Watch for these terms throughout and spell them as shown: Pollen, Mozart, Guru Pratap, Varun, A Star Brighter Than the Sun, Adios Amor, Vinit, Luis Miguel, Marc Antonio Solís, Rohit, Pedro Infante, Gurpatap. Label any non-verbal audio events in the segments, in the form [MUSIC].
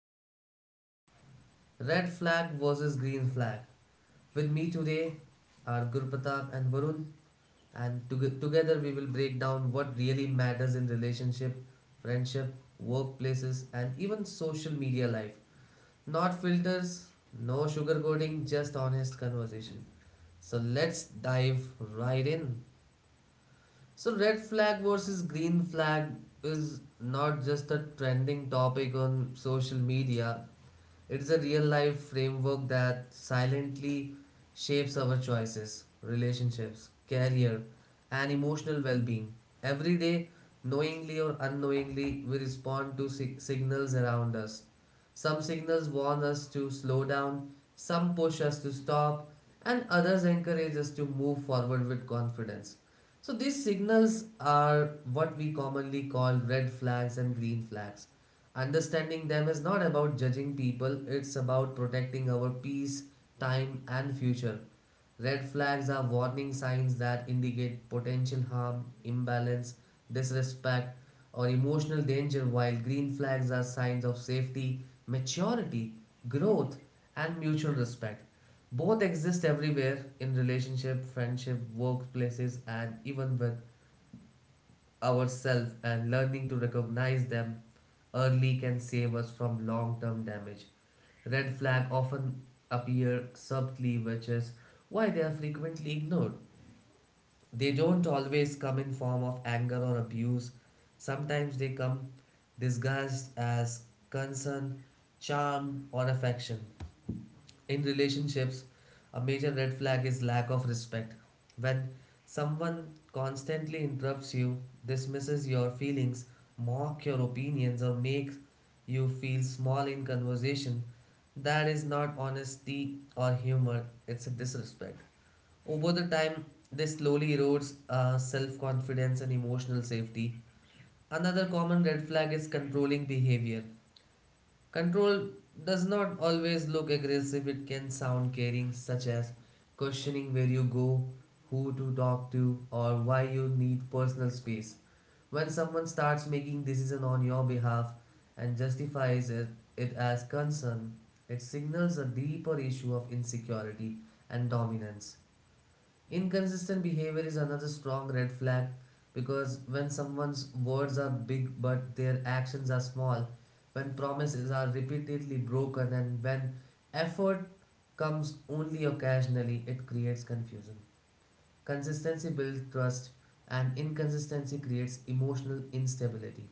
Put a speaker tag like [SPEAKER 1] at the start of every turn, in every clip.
[SPEAKER 1] about openly. Red flag versus green flag. With me today are Gurpatap and Varun, and together we will break down what really matters in relationship, friendship, workplaces, and even social media life. Not filters, no sugarcoating, just honest conversation. So let's dive right in. So, red flag versus green flag is not just a trending topic on social media, it's a real life framework that silently shapes our choices, relationships, career, and emotional well being. Every day, knowingly or unknowingly, we respond to signals around us. Some signals warn us to slow down, some push us to stop, and others encourage us to move forward with confidence. So, these signals are what we commonly call red flags and green flags. Understanding them is not about judging people, it's about protecting our peace, time, and future. Red flags are warning signs that indicate potential harm, imbalance, disrespect, or emotional danger, while green flags are signs of safety, maturity, growth, and mutual respect. Both exist everywhere in relationship, friendship, workplaces, and even with ourselves, and learning to recognize them early can save us from long term damage. Red flags often appear subtly, which is why they are frequently ignored. They don't always come in form of anger or abuse. Sometimes they come disguised as concern, charm, or affection. In relationships, a major red flag is lack of respect. When someone constantly interrupts you, dismisses your feelings, mock your opinions, or makes you feel small in conversation, that is not honesty or humor, it's a disrespect. Over the time, this slowly erodes self confidence and emotional safety. Another common red flag is controlling behavior. Control does not always look aggressive, it can sound caring, such as questioning where you go, who to talk to, or why you need personal space. When someone starts making decisions on your behalf and justifies it, it as concern, it signals a deeper issue of insecurity and dominance. Inconsistent behavior is another strong red flag because when someone's words are big but their actions are small, when promises are repeatedly broken, and when effort comes only occasionally, it creates confusion. Consistency builds trust, and inconsistency creates emotional instability.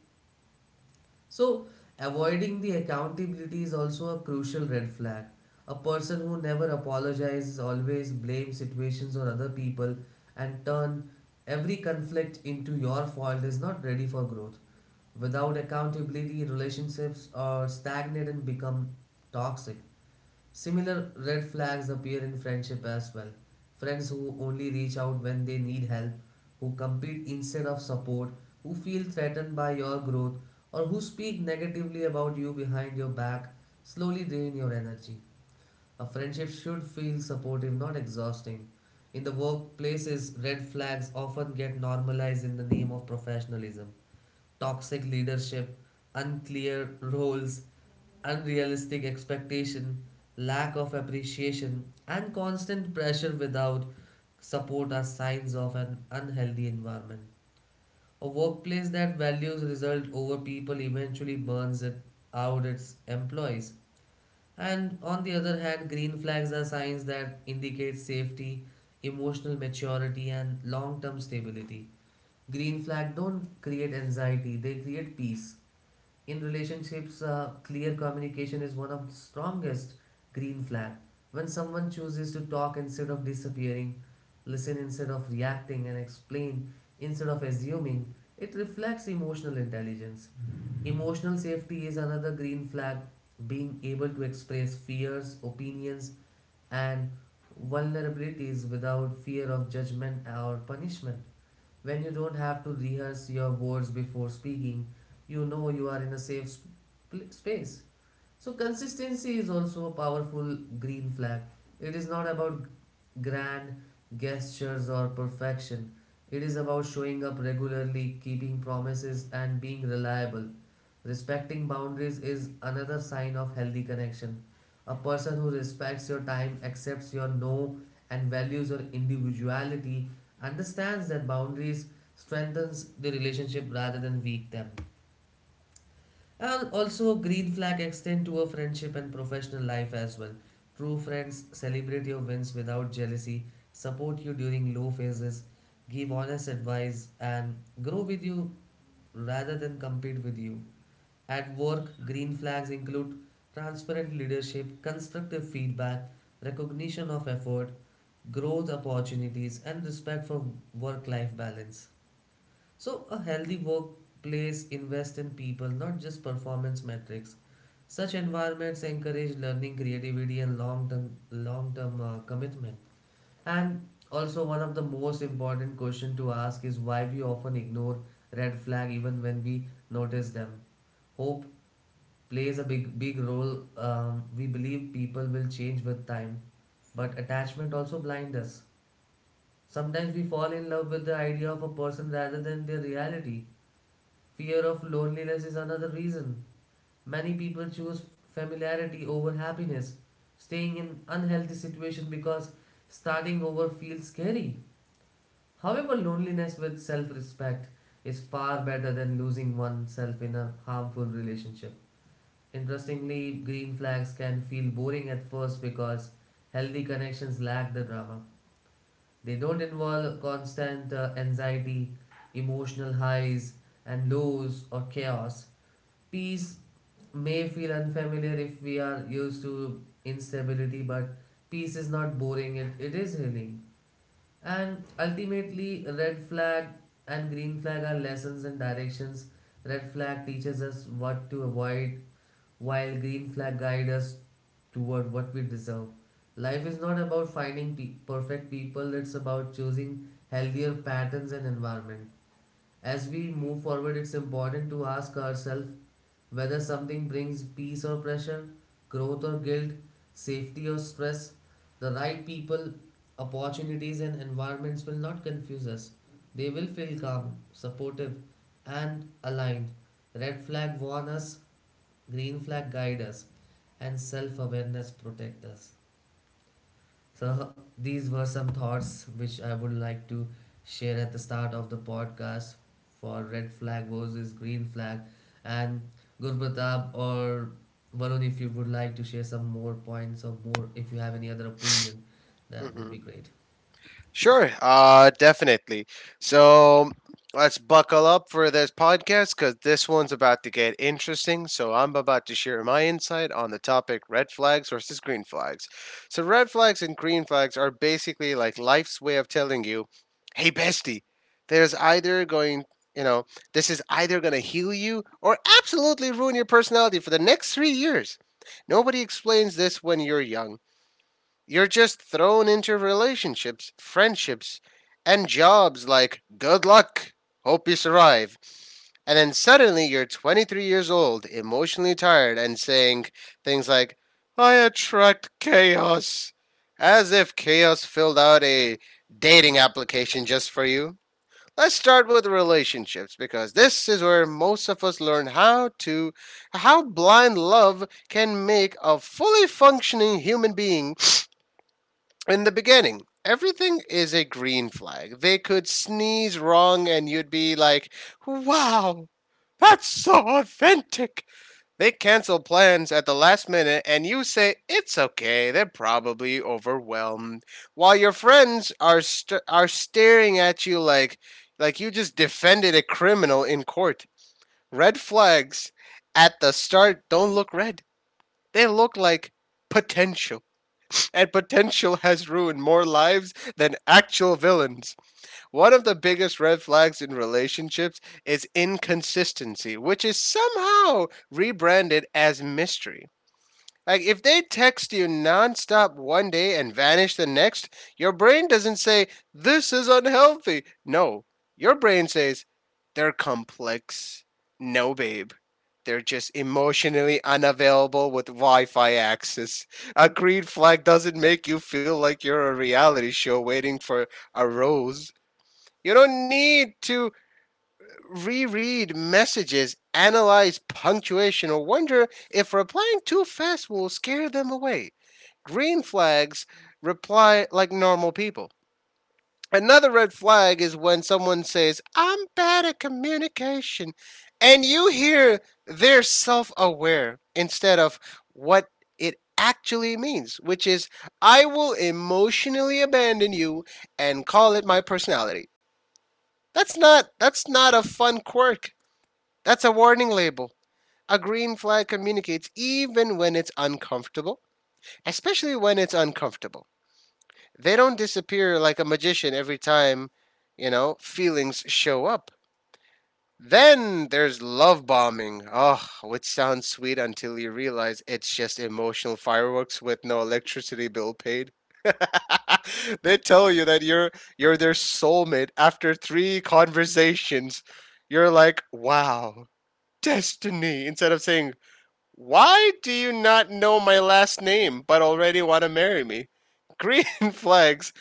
[SPEAKER 1] So, avoiding the accountability is also a crucial red flag. A person who never apologizes, always blames situations or other people and turn every conflict into your fault is not ready for growth. Without accountability, relationships are stagnant and become toxic. Similar red flags appear in friendship as well. Friends who only reach out when they need help, who compete instead of support, who feel threatened by your growth, or who speak negatively about you behind your back slowly drain your energy. A friendship should feel supportive, not exhausting. In the workplaces, red flags often get normalized in the name of professionalism: toxic leadership, unclear roles, unrealistic expectation, lack of appreciation, and constant pressure without support are signs of an unhealthy environment. A workplace that values result over people eventually burns it out its employees. And on the other hand, green flags are signs that indicate safety, emotional maturity, and long term stability. Green flags don't create anxiety, they create peace. In relationships, clear communication is one of the strongest green flag. When someone chooses to talk instead of disappearing, listen instead of reacting, and explain instead of assuming, it reflects emotional intelligence. Emotional safety is another green flag. Being able to express fears, opinions, and vulnerabilities without fear of judgment or punishment. When you don't have to rehearse your words before speaking, you know you are in a safe space. So consistency is also a powerful green flag. It is not about grand gestures or perfection. It is about showing up regularly, keeping promises and being reliable. Respecting boundaries is another sign of healthy connection. A person who respects your time, accepts your no and values your individuality understands that boundaries strengthens the relationship rather than weak them. And also, green flag extend to a friendship and professional life as well. True friends celebrate your wins without jealousy, support you during low phases, give honest advice, and grow with you rather than compete with you. At work, green flags include transparent leadership, constructive feedback, recognition of effort, growth opportunities, and respect for work life balance. So, a healthy workplace invests in people, not just performance metrics. Such environments encourage learning, creativity, and long-term commitment. And also, one of the most important question to ask is why we often ignore red flag even when we notice them. Hope plays a big role. We believe people will change with time, but attachment also blinds us. Sometimes we fall in love with the idea of a person rather than their reality. Fear of loneliness is another reason. Many people choose familiarity over happiness, staying in unhealthy situation because starting over feels scary. However, loneliness with self-respect is far better than losing oneself in a harmful relationship. Interestingly, green flags can feel boring at first because healthy connections lack the drama. They don't involve constant anxiety, emotional highs and lows, or chaos. Peace may feel unfamiliar if we are used to instability, but peace is not boring, it is healing. And ultimately, red flag and green flag are lessons and directions. Red flag teaches us what to avoid, while green flag guides us toward what we deserve. Life is not about finding perfect people, it's about choosing healthier patterns and environment. As we move forward, it's important to ask ourselves whether something brings peace or pressure, growth or guilt, safety or stress. The right people, opportunities, and environments will not confuse us. They will feel calm, supportive, and aligned. Red flag warn us, green flag guide us, and self awareness protect us. So, these were some thoughts which I would like to share at the start of the podcast for red flag versus green flag. And Gurbatab or Varun, if you would like to share some more points or more, if you have any other opinion, that would
[SPEAKER 2] hmm
[SPEAKER 1] be great.
[SPEAKER 2] Sure, definitely. So let's buckle up for this podcast because this one's about to get interesting. So I'm about to share my insight on the topic red flags versus green flags. So, red flags and green flags are basically like life's way of telling you, hey, bestie, there's either going you know, this is either going to heal you or absolutely ruin your personality for the next 3 years. Nobody explains this when you're young. You're just thrown into relationships, friendships, and jobs like good luck, hope you survive. And then suddenly you're 23 years old, emotionally tired, and saying things like, I attract chaos. As if chaos filled out a dating application just for you. Let's start with relationships because this is where most of us learn how blind love can make a fully functioning human being in the beginning, everything is a green flag. They could sneeze wrong and you'd be like, wow, that's so authentic. They cancel plans at the last minute and you say, it's okay, they're probably overwhelmed. While your friends are staring at you like, you just defended a criminal in court. Red flags at the start don't look red, they look like potential, and potential [LAUGHS] has ruined more lives than actual villains. One of the biggest red flags in relationships is inconsistency, which is somehow rebranded as mystery. Like if they text you nonstop one day and vanish the next, your brain doesn't say this is unhealthy. No, your brain says they're complex. No, babe. They're just emotionally unavailable with Wi Fi access. A green flag doesn't make you feel like you're a reality show waiting for a rose. You don't need to reread messages, analyze punctuation, or wonder if replying too fast will scare them away. Green flags reply like normal people. Another red flag is when someone says, I'm bad at communication, and you hear they're self aware instead of what it actually means, which is, I will emotionally abandon you and call it my personality. That's not a fun quirk. That's a warning label. A green flag communicates even when it's uncomfortable, especially when it's uncomfortable. They don't disappear like a magician every time, feelings show up. Then there's love bombing. Oh, which sounds sweet until you realize it's just emotional fireworks with no electricity bill paid. [LAUGHS] They tell you that you're their soulmate after three conversations. You're like, wow, destiny. Instead of saying why do you not know my last name but already want to marry me? Green [LAUGHS] flags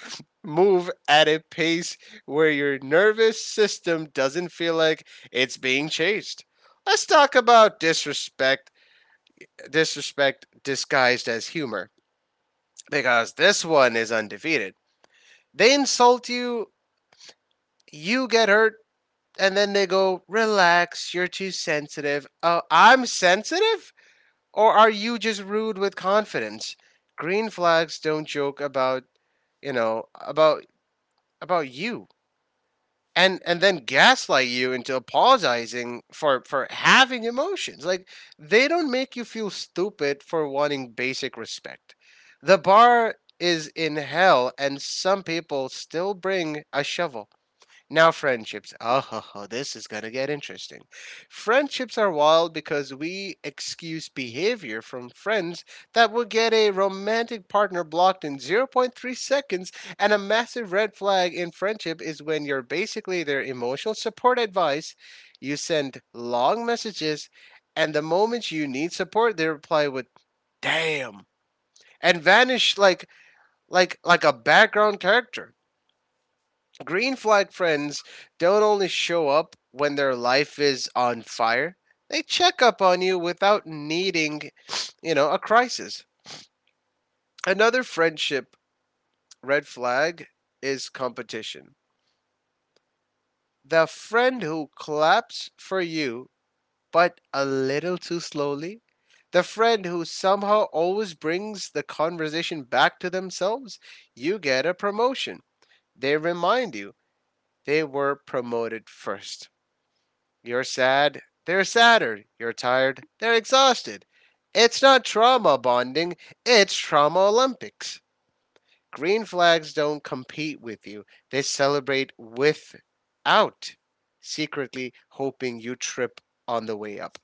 [SPEAKER 2] move at a pace where your nervous system doesn't feel like it's being chased. Let's talk about disrespect, disrespect disguised as humor, because this one is undefeated. They insult you, you get hurt, and then they go, relax, you're too sensitive. Oh, I'm sensitive? Or are you just rude with confidence? Green flags don't joke about, you know, about about you. And then gaslight you into apologizing for having emotions. Like they don't make you feel stupid for wanting basic respect. The bar is in hell and some people still bring a shovel. Now, friendships. Oh, [LAUGHS] this is going to get interesting. Friendships are wild because we excuse behavior from friends that will get a romantic partner blocked in 0 0.3 seconds, and a massive red flag in friendship is when you're basically their emotional support advice. You send long messages, and the moment you need support, they reply with, damn, and vanish like a background character. Green flag friends don't only show up when their life is on fire, they check up on you without needing, a crisis. Another friendship red flag is competition. The friend who claps for you, but a little too slowly. The friend who somehow always brings the conversation back to themselves, you get a promotion. They remind you they were promoted first. You're sad. They're sadder. You're tired. They're exhausted. It's not trauma bonding, it's Trauma Olympics. Green flags don't compete with you, they celebrate without secretly hoping you trip on the way up.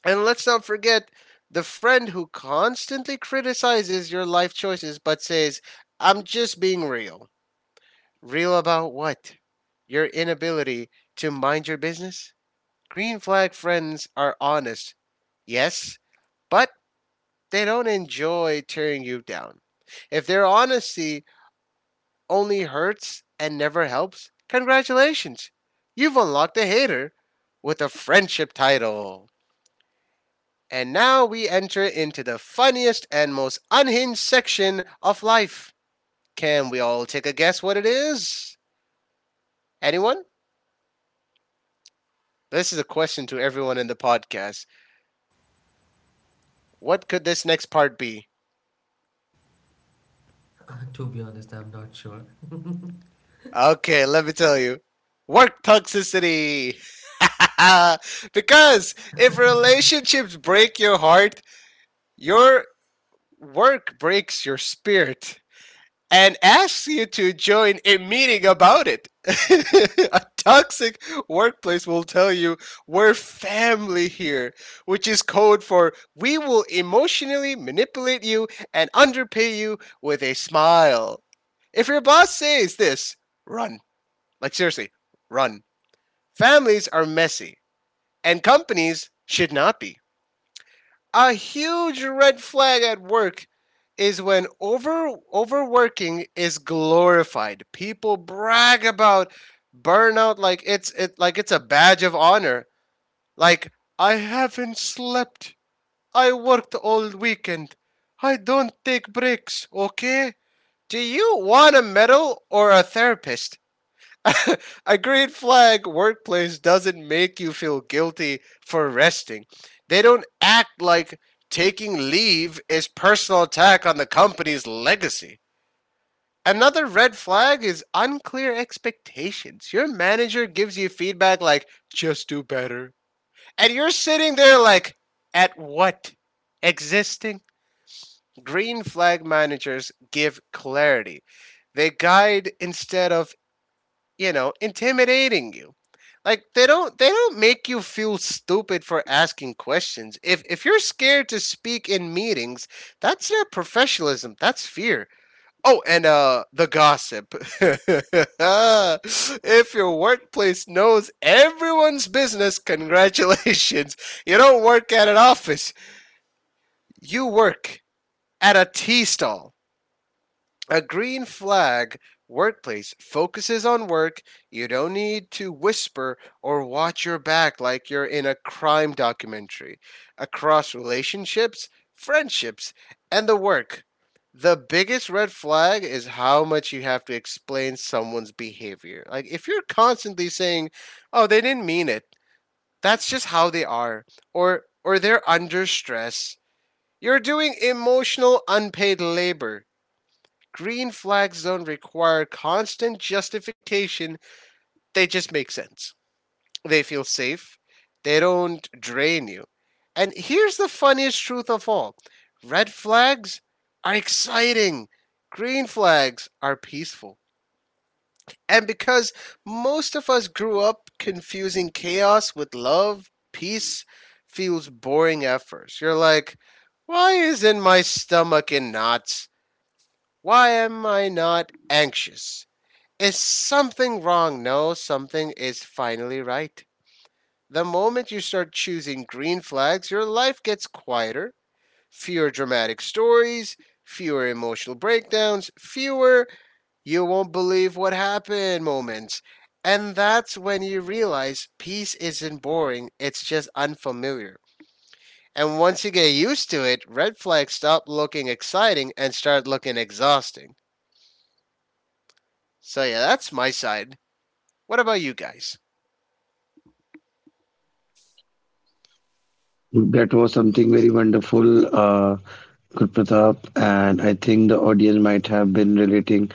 [SPEAKER 2] And let's not forget the friend who constantly criticizes your life choices but says, I'm just being real. Real about what? Your inability to mind your business? Green flag friends are honest, yes, but they don't enjoy tearing you down. If their honesty only hurts and never helps, congratulations! You've unlocked a hater with a friendship title. And now we enter into the funniest and most unhinged section of life. Can we all take a guess what it is? Anyone? This is a question to everyone in the podcast. What could this next part be?
[SPEAKER 1] To be honest, I'm not sure.
[SPEAKER 2] Okay, let me tell you. Work toxicity. [LAUGHS] Because if relationships break your heart, your work breaks your spirit and asks you to join a meeting about it. [LAUGHS] A toxic workplace will tell you we're family here, which is code for we will emotionally manipulate you and underpay you with a smile. If your boss says this, run, like, seriously, run. Families are messy, and companies should not be. A huge red flag at work is when overworking is glorified. People brag about burnout like it's it like it's a badge of honor. Like I haven't slept. I worked all weekend. I don't take breaks, okay? Do you want a medal or a therapist? [LAUGHS] A green flag workplace doesn't make you feel guilty for resting. They don't act like taking leave is personal attack on the company's legacy. Another red flag is unclear expectations. Your manager gives you feedback like, just do better. And you're sitting there like, at what? Existing green flag managers give clarity. They guide instead of intimidating you. Like they don't make you feel stupid for asking questions. If you're scared to speak in meetings, that's not professionalism, that's fear. Oh, and the gossip. [LAUGHS] If your workplace knows everyone's business, congratulations. You don't work at an office. You work at a tea stall. A green flag workplace focuses on work. You don't need to whisper or watch your back like you're in a crime documentary. Across relationships, friendships, and the work. The biggest red flag is how much you have to explain someone's behavior. Like, if you're constantly saying, oh, they didn't mean it, that's just how they are, or they're under stress, you're doing emotional unpaid labor. Green flag zone require constant justification. They just make sense. They feel safe. They don't drain you. And here's the funniest truth of all, red flags are exciting, green flags are peaceful. And because most of us grew up confusing chaos with love, peace feels boring at first. You're like, why isn't my stomach in knots? Why am I not anxious? Is something wrong? No, something is finally right. The moment you start choosing green flags, your life gets quieter, fewer dramatic stories, fewer emotional breakdowns, fewer you won't believe what happened moments. And that's when you realize peace isn't boring, it's just unfamiliar. And once you get used to it, red flags stop looking exciting and start looking exhausting. So, yeah, that's my side. What about you guys?
[SPEAKER 3] That was something very wonderful, Guru Pratap, and I think the audience might have been relating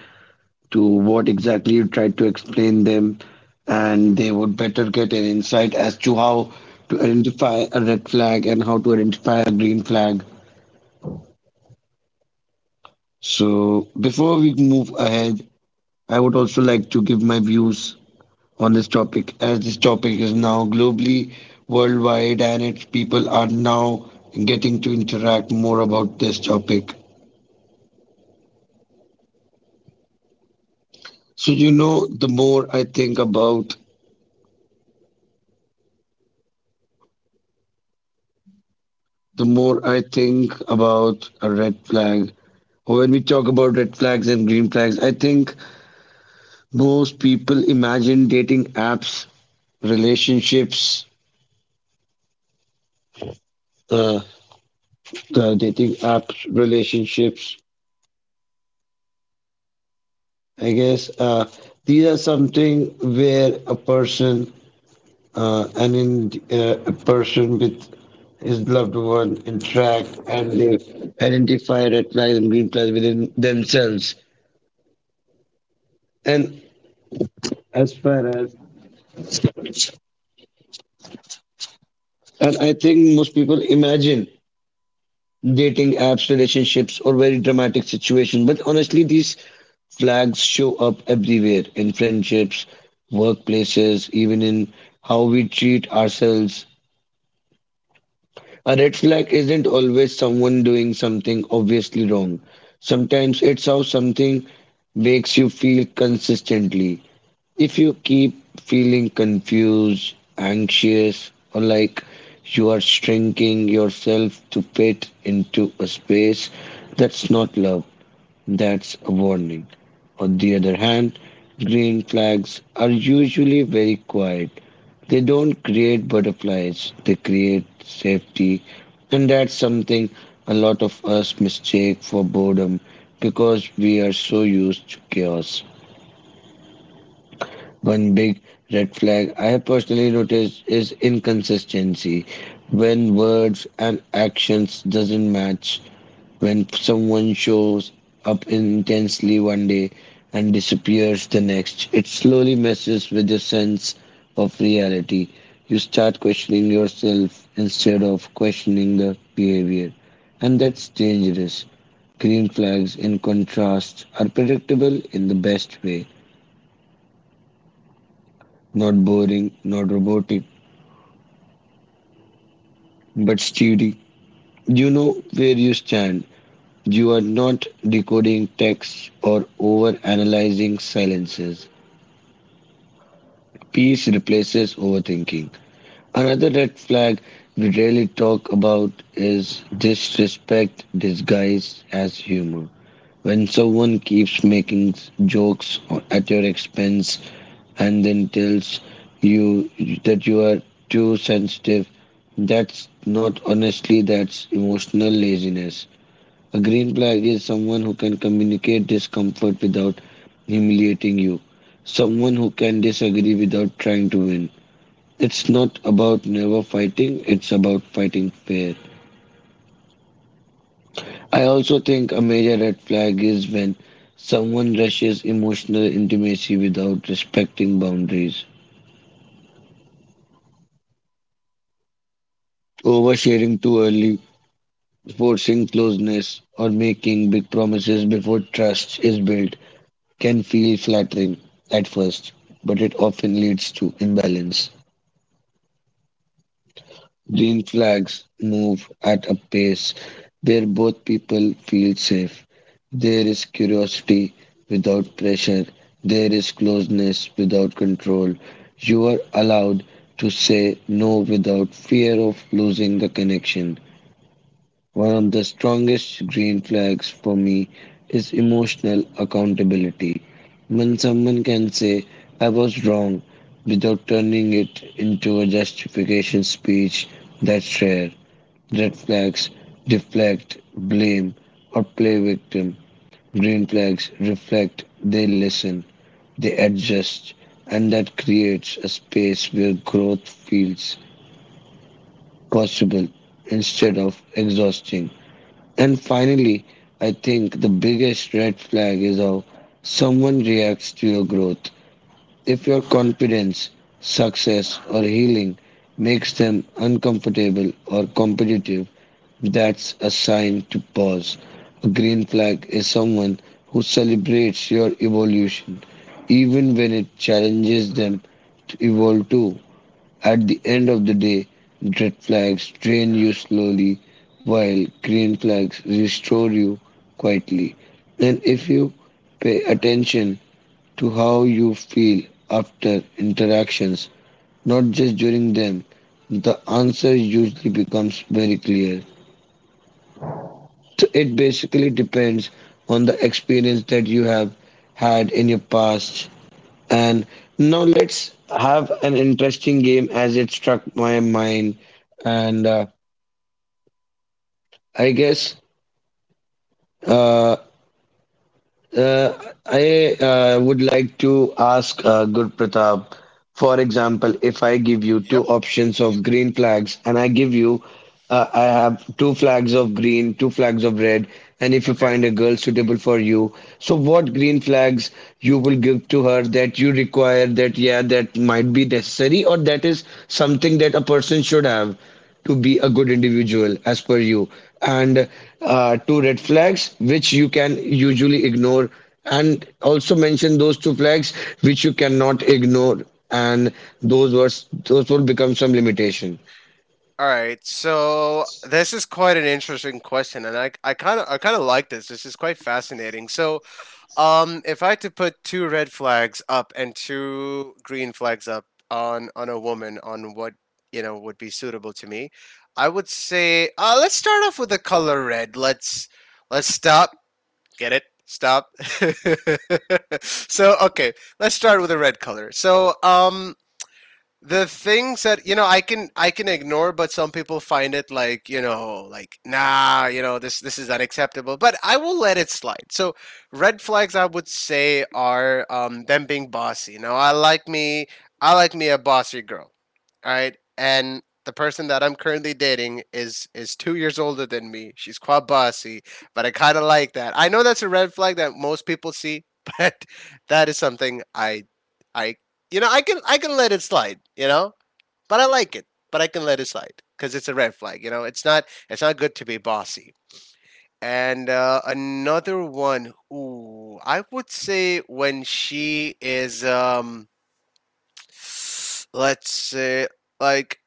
[SPEAKER 3] to what exactly you tried to explain them, and they would better get an insight as to how to identify a red flag and how to identify a green flag. So, before we move ahead, I would also like to give my views on this topic, as this topic is now globally, worldwide, and its people are now getting to interact more about this topic. So, the more I think about a red flag. Or when we talk about red flags and green flags, I think most people imagine dating apps, relationships, uh, the dating apps, relationships. I guess these are something where a person with his loved one interact and they identify red flags and green flags within themselves. And as far as, and I think most people imagine dating apps, relationships, or very dramatic situation. But honestly, these flags show up everywhere in friendships, workplaces, even in how we treat ourselves. A red flag isn't always someone doing something obviously wrong. Sometimes it's how something makes you feel consistently. If you keep feeling confused, anxious, or like you are shrinking yourself to fit into a space, that's not love. That's a warning. On the other hand, green flags are usually very quiet. They don't create butterflies, they create safety. And that's something a lot of us mistake for boredom because we are so used to chaos. One big red flag I have personally noticed is inconsistency, when words and actions doesn't match, when someone shows up intensely one day and disappears the next, it slowly messes with your sense of reality. You start questioning yourself instead of questioning the behavior, and that's dangerous. Green flags, in contrast, are predictable in the best way, not boring, not robotic, but steady. You know where you stand. You are not decoding texts or over analyzing silences. Peace replaces overthinking. Another red flag we rarely talk about is disrespect disguised as humor. When someone keeps making jokes at your expense and then tells you that you are too sensitive, that's not, honestly, that's emotional laziness. A green flag is someone who can communicate discomfort without humiliating you, someone who can disagree without trying to win. It's not about never fighting, it's about fighting fair. I also think a major red flag is when someone rushes emotional intimacy without respecting boundaries. Oversharing too early, forcing closeness, or making big promises before trust is built can feel flattering at first, but it often leads to imbalance. Green flags move at a pace where both people feel safe. There is curiosity without pressure. There is closeness without control. You are allowed to say no without fear of losing the connection. One of the strongest green flags for me is emotional accountability. When someone can say, "I was wrong," without turning it into a justification speech, that's rare. Red flags deflect, blame, or play victim. Green flags reflect, they listen, they adjust, and that creates a space where growth feels possible instead of exhausting. And finally, I think the biggest red flag is how someone reacts to your growth. If your confidence, success, or healing makes them uncomfortable or competitive, that's a sign to pause. A green flag is someone who celebrates your evolution, even when it challenges them to evolve too. At the end of the day, red flags drain you slowly, while green flags restore you quietly. And if you pay attention to how you feel after interactions, not just during them, the answer usually becomes very clear. So it basically depends on the experience that you have had in your past, and now let's have an interesting game as it struck my mind. And I guess uh, Uh, I would like to ask Guru Pratap, for example, if I give you
[SPEAKER 2] Yep.
[SPEAKER 3] two options of green flags and I give you, I have two flags of green, two flags of red, and if you
[SPEAKER 2] Okay.
[SPEAKER 3] find a girl suitable for you, so what green flags you will give to her that you require, that, yeah, that might be necessary, or that is something that a person should have to be a good individual as per you, and two red flags which you can usually ignore, and also mention those two flags which you cannot ignore, and those were those will become some limitation.
[SPEAKER 2] All right, so this is quite an interesting question, and I kind of like this. This is quite fascinating. So, if I had to put two red flags up and two green flags up on a woman on what you know would be suitable to me, I would say let's start off with the color red. Let's stop. Get it? Stop. [LAUGHS] So okay, let's start with the red color. So the things that you know I can ignore but some people find it like you know like nah you know this is unacceptable but I will let it slide. So red flags I would say are them being bossy. You know I like me a bossy girl, all right, and the person that I'm currently dating is 2 years older than me. She's quite bossy but I kind of like that. I know that's a red flag that most people see, [LAUGHS] but that is something I you know, I can let it slide. You know, but I like it. But I can let it slide because it's a red flag. You know, it's not good to be bossy. And another one, ooh, I would say when she is, let's say, like,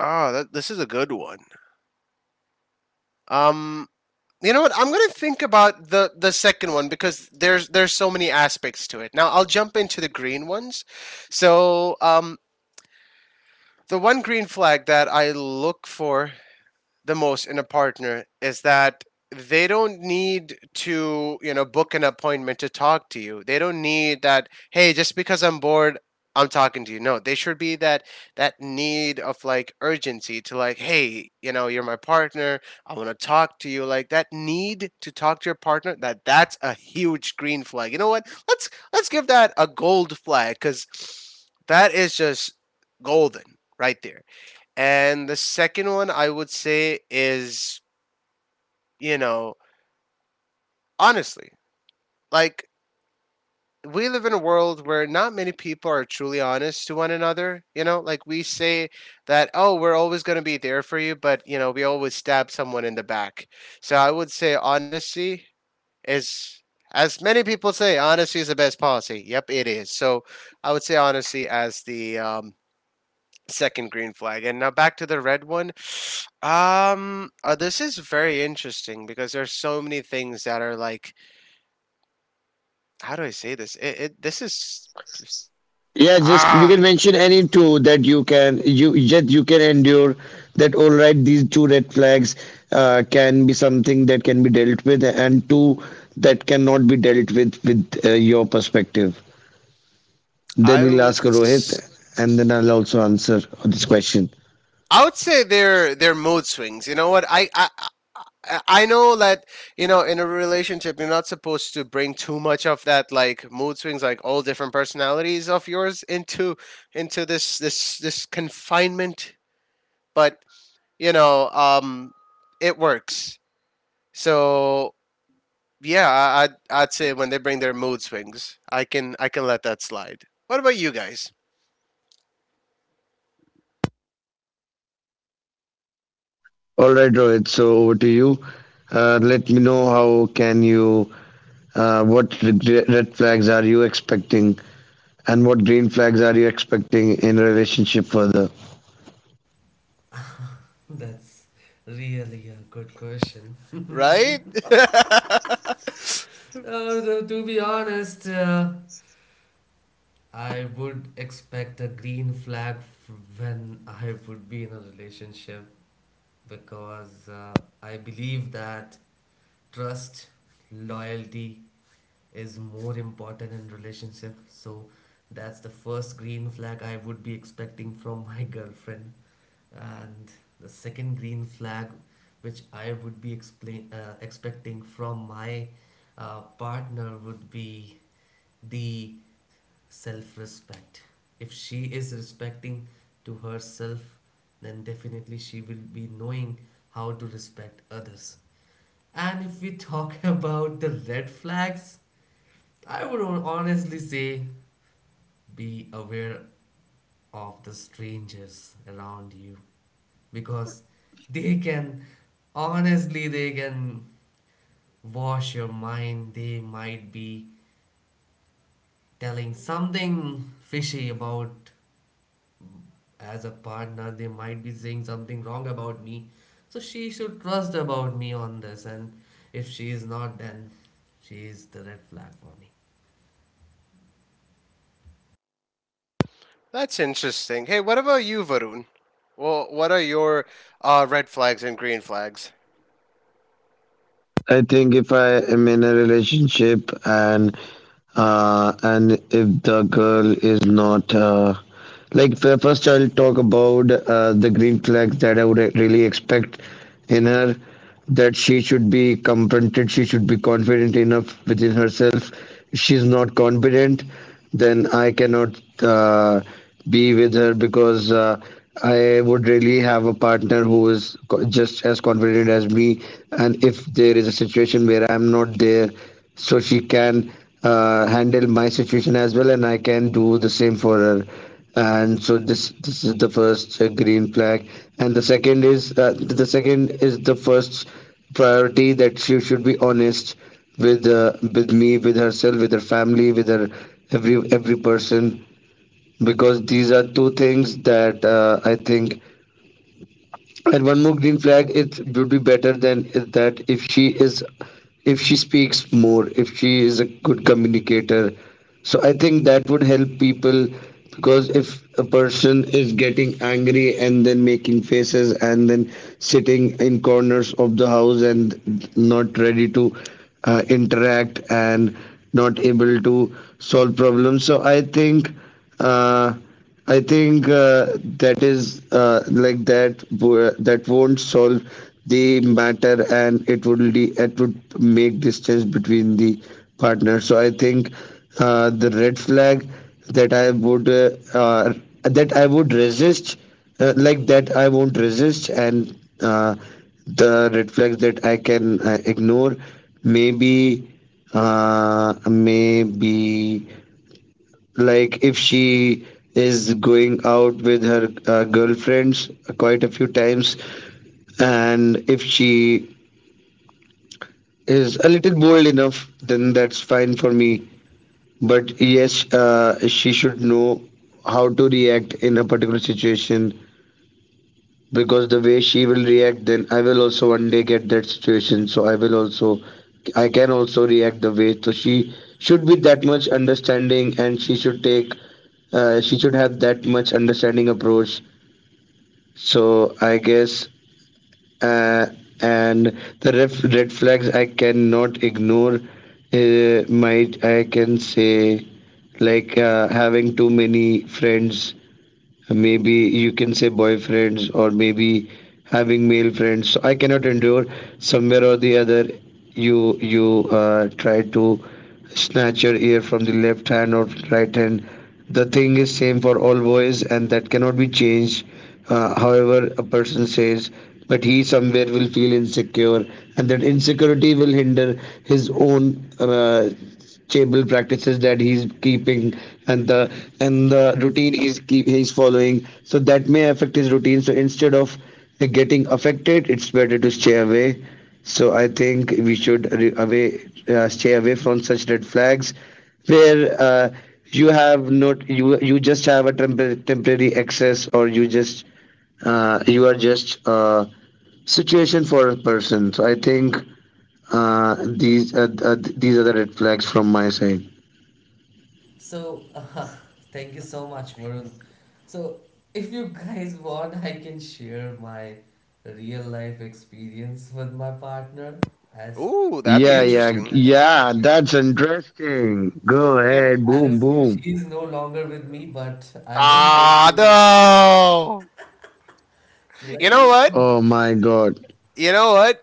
[SPEAKER 2] oh, that, this is a good one. Um, you know what? I'm gonna think about the second one because there's so many aspects to it. Now I'll jump into the green ones. So, um, The one green flag that I look for the most in a partner is that they don't need to, book an appointment to talk to you. They don't need that, hey, just because I'm bored, I'm talking to you. No, they should be that need of like urgency to like, hey, you know, you're my partner. I want to talk to you. Like that need to talk to your partner, that's a huge green flag. You know what? Let's give that a gold flag cuz that is just golden right there. And the second one I would say is, you know, honestly, like we live in a world where not many people are truly honest to one another. You know, like we say that, oh, we're always going to be there for you, but, we always stab someone in the back. So I would say honesty is, as many people say, honesty is the best policy. Yep, it is. So I would say honesty as the second green flag. And now back to the red one. This is very interesting because there's so many things that are like, how do I say this? It This is just,
[SPEAKER 3] Yeah, just you can
[SPEAKER 2] ah,
[SPEAKER 3] mention any two that you can endure, that all right, these two red flags can be something that can be dealt with, and two that cannot be dealt with your perspective. Then we'll ask Rohit,
[SPEAKER 2] I
[SPEAKER 3] and then I'll also answer this question.
[SPEAKER 2] would say they're mood swings. You know what? I know that you know in a relationship you're not supposed to bring too much of that like mood swings like all different personalities of yours into this confinement but you know, it works. So yeah, I'd say when they bring their mood swings, I can let that slide. What about you guys?
[SPEAKER 3] All right, Rohit. So over to you. Let me know how can you, what red flags are you expecting, and what green flags are you expecting in a relationship further.
[SPEAKER 1] [LAUGHS] That's really a good question.
[SPEAKER 2] Right? [LAUGHS]
[SPEAKER 1] To be honest, I would expect a green flag when I would be in a relationship because I believe that trust, loyalty is more important in relationship. So that's the first green flag I would be expecting from my [LAUGHS] girlfriend, and the second green flag, which I would be explain expecting from my partner, would be the self respect. If she is respecting to herself, then definitely she will be knowing how to respect others. And if we talk [LAUGHS] about the red flags, I would honestly say be aware of the strangers around you because they can honestly, they can wash your mind. They might be telling something fishy about, as a partner, they might be saying something wrong about me, so she should trust about me on this, and if she is not, then she is the red flag for me.
[SPEAKER 2] That's interesting. Hey, what about you, Varun? Well, what are your red flags and green flags?
[SPEAKER 3] I think if I am in a relationship, and and if the girl is not like first I'll talk about the green flags that I would really expect in her, that she should be confronted, she should be confident enough within herself. If she's not confident, then I cannot be with her, because I would really have a partner who is just as confident as me. And if there is a situation where I'm not there, so she can handle my situation as well, and I can do the same for her. And so this is the first green flag, and the second is the first priority that she should be honest with me, with herself, with her family, with her every person, because these are two things that I think. And one more green flag, it would be better than is that if she is, if she speaks more, if she is a good communicator. So I think that would help people, because if a person is getting angry and then making faces and then sitting in corners of the house and not ready to interact and not able to solve problems, so I think. Uh, I think uh, that is like that won't solve the matter, and it would it would make distance between the partners. So I think the red flag that I would uh, uh, that I would resist, like that I won't resist, and uh, the red flags that I can ignore, maybe maybe like if she is going out with her girlfriends quite a few times, and if she is a little bold enough, then that's fine for me. But yes, she should know how to react in a particular situation, because the way she will react, then I will also one day get that situation, so I can also react the way. So she should be that much understanding, and she should take, she should have that much understanding approach. So I guess, uh, red flags I cannot ignore. Might I can say, like having too many friends, maybe you can say boyfriends, or maybe having male friends, so I cannot endure. Somewhere or the other you try to snatch your ear from the left hand or right hand. The thing is same for all boys, and that cannot be changed, however a person says, but he somewhere will feel insecure, and that insecurity will hinder his own stable practices that he's keeping, and the routine he's following, so that may affect his routine. So instead of getting affected, it's better to stay away. So I think we should re- away stay away from such red flags where you have not you you just have a temporary excess, or you just you are just a situation for a person. So I think these are the red flags from my side.
[SPEAKER 1] So, [LAUGHS] thank you so much, Varun. So, if you guys want, I can share my real life experience with my partner, as
[SPEAKER 2] Ooh, that'd be
[SPEAKER 3] Yeah,
[SPEAKER 1] she's
[SPEAKER 3] yeah,
[SPEAKER 2] interesting.
[SPEAKER 3] yeah, that's interesting. Go
[SPEAKER 2] And-
[SPEAKER 3] ahead, boom,
[SPEAKER 1] as
[SPEAKER 3] boom.
[SPEAKER 1] she's no longer with me, but I would like to.
[SPEAKER 2] no.
[SPEAKER 1] So let
[SPEAKER 2] You
[SPEAKER 1] me
[SPEAKER 2] know what?
[SPEAKER 3] Oh my God.
[SPEAKER 2] You know what?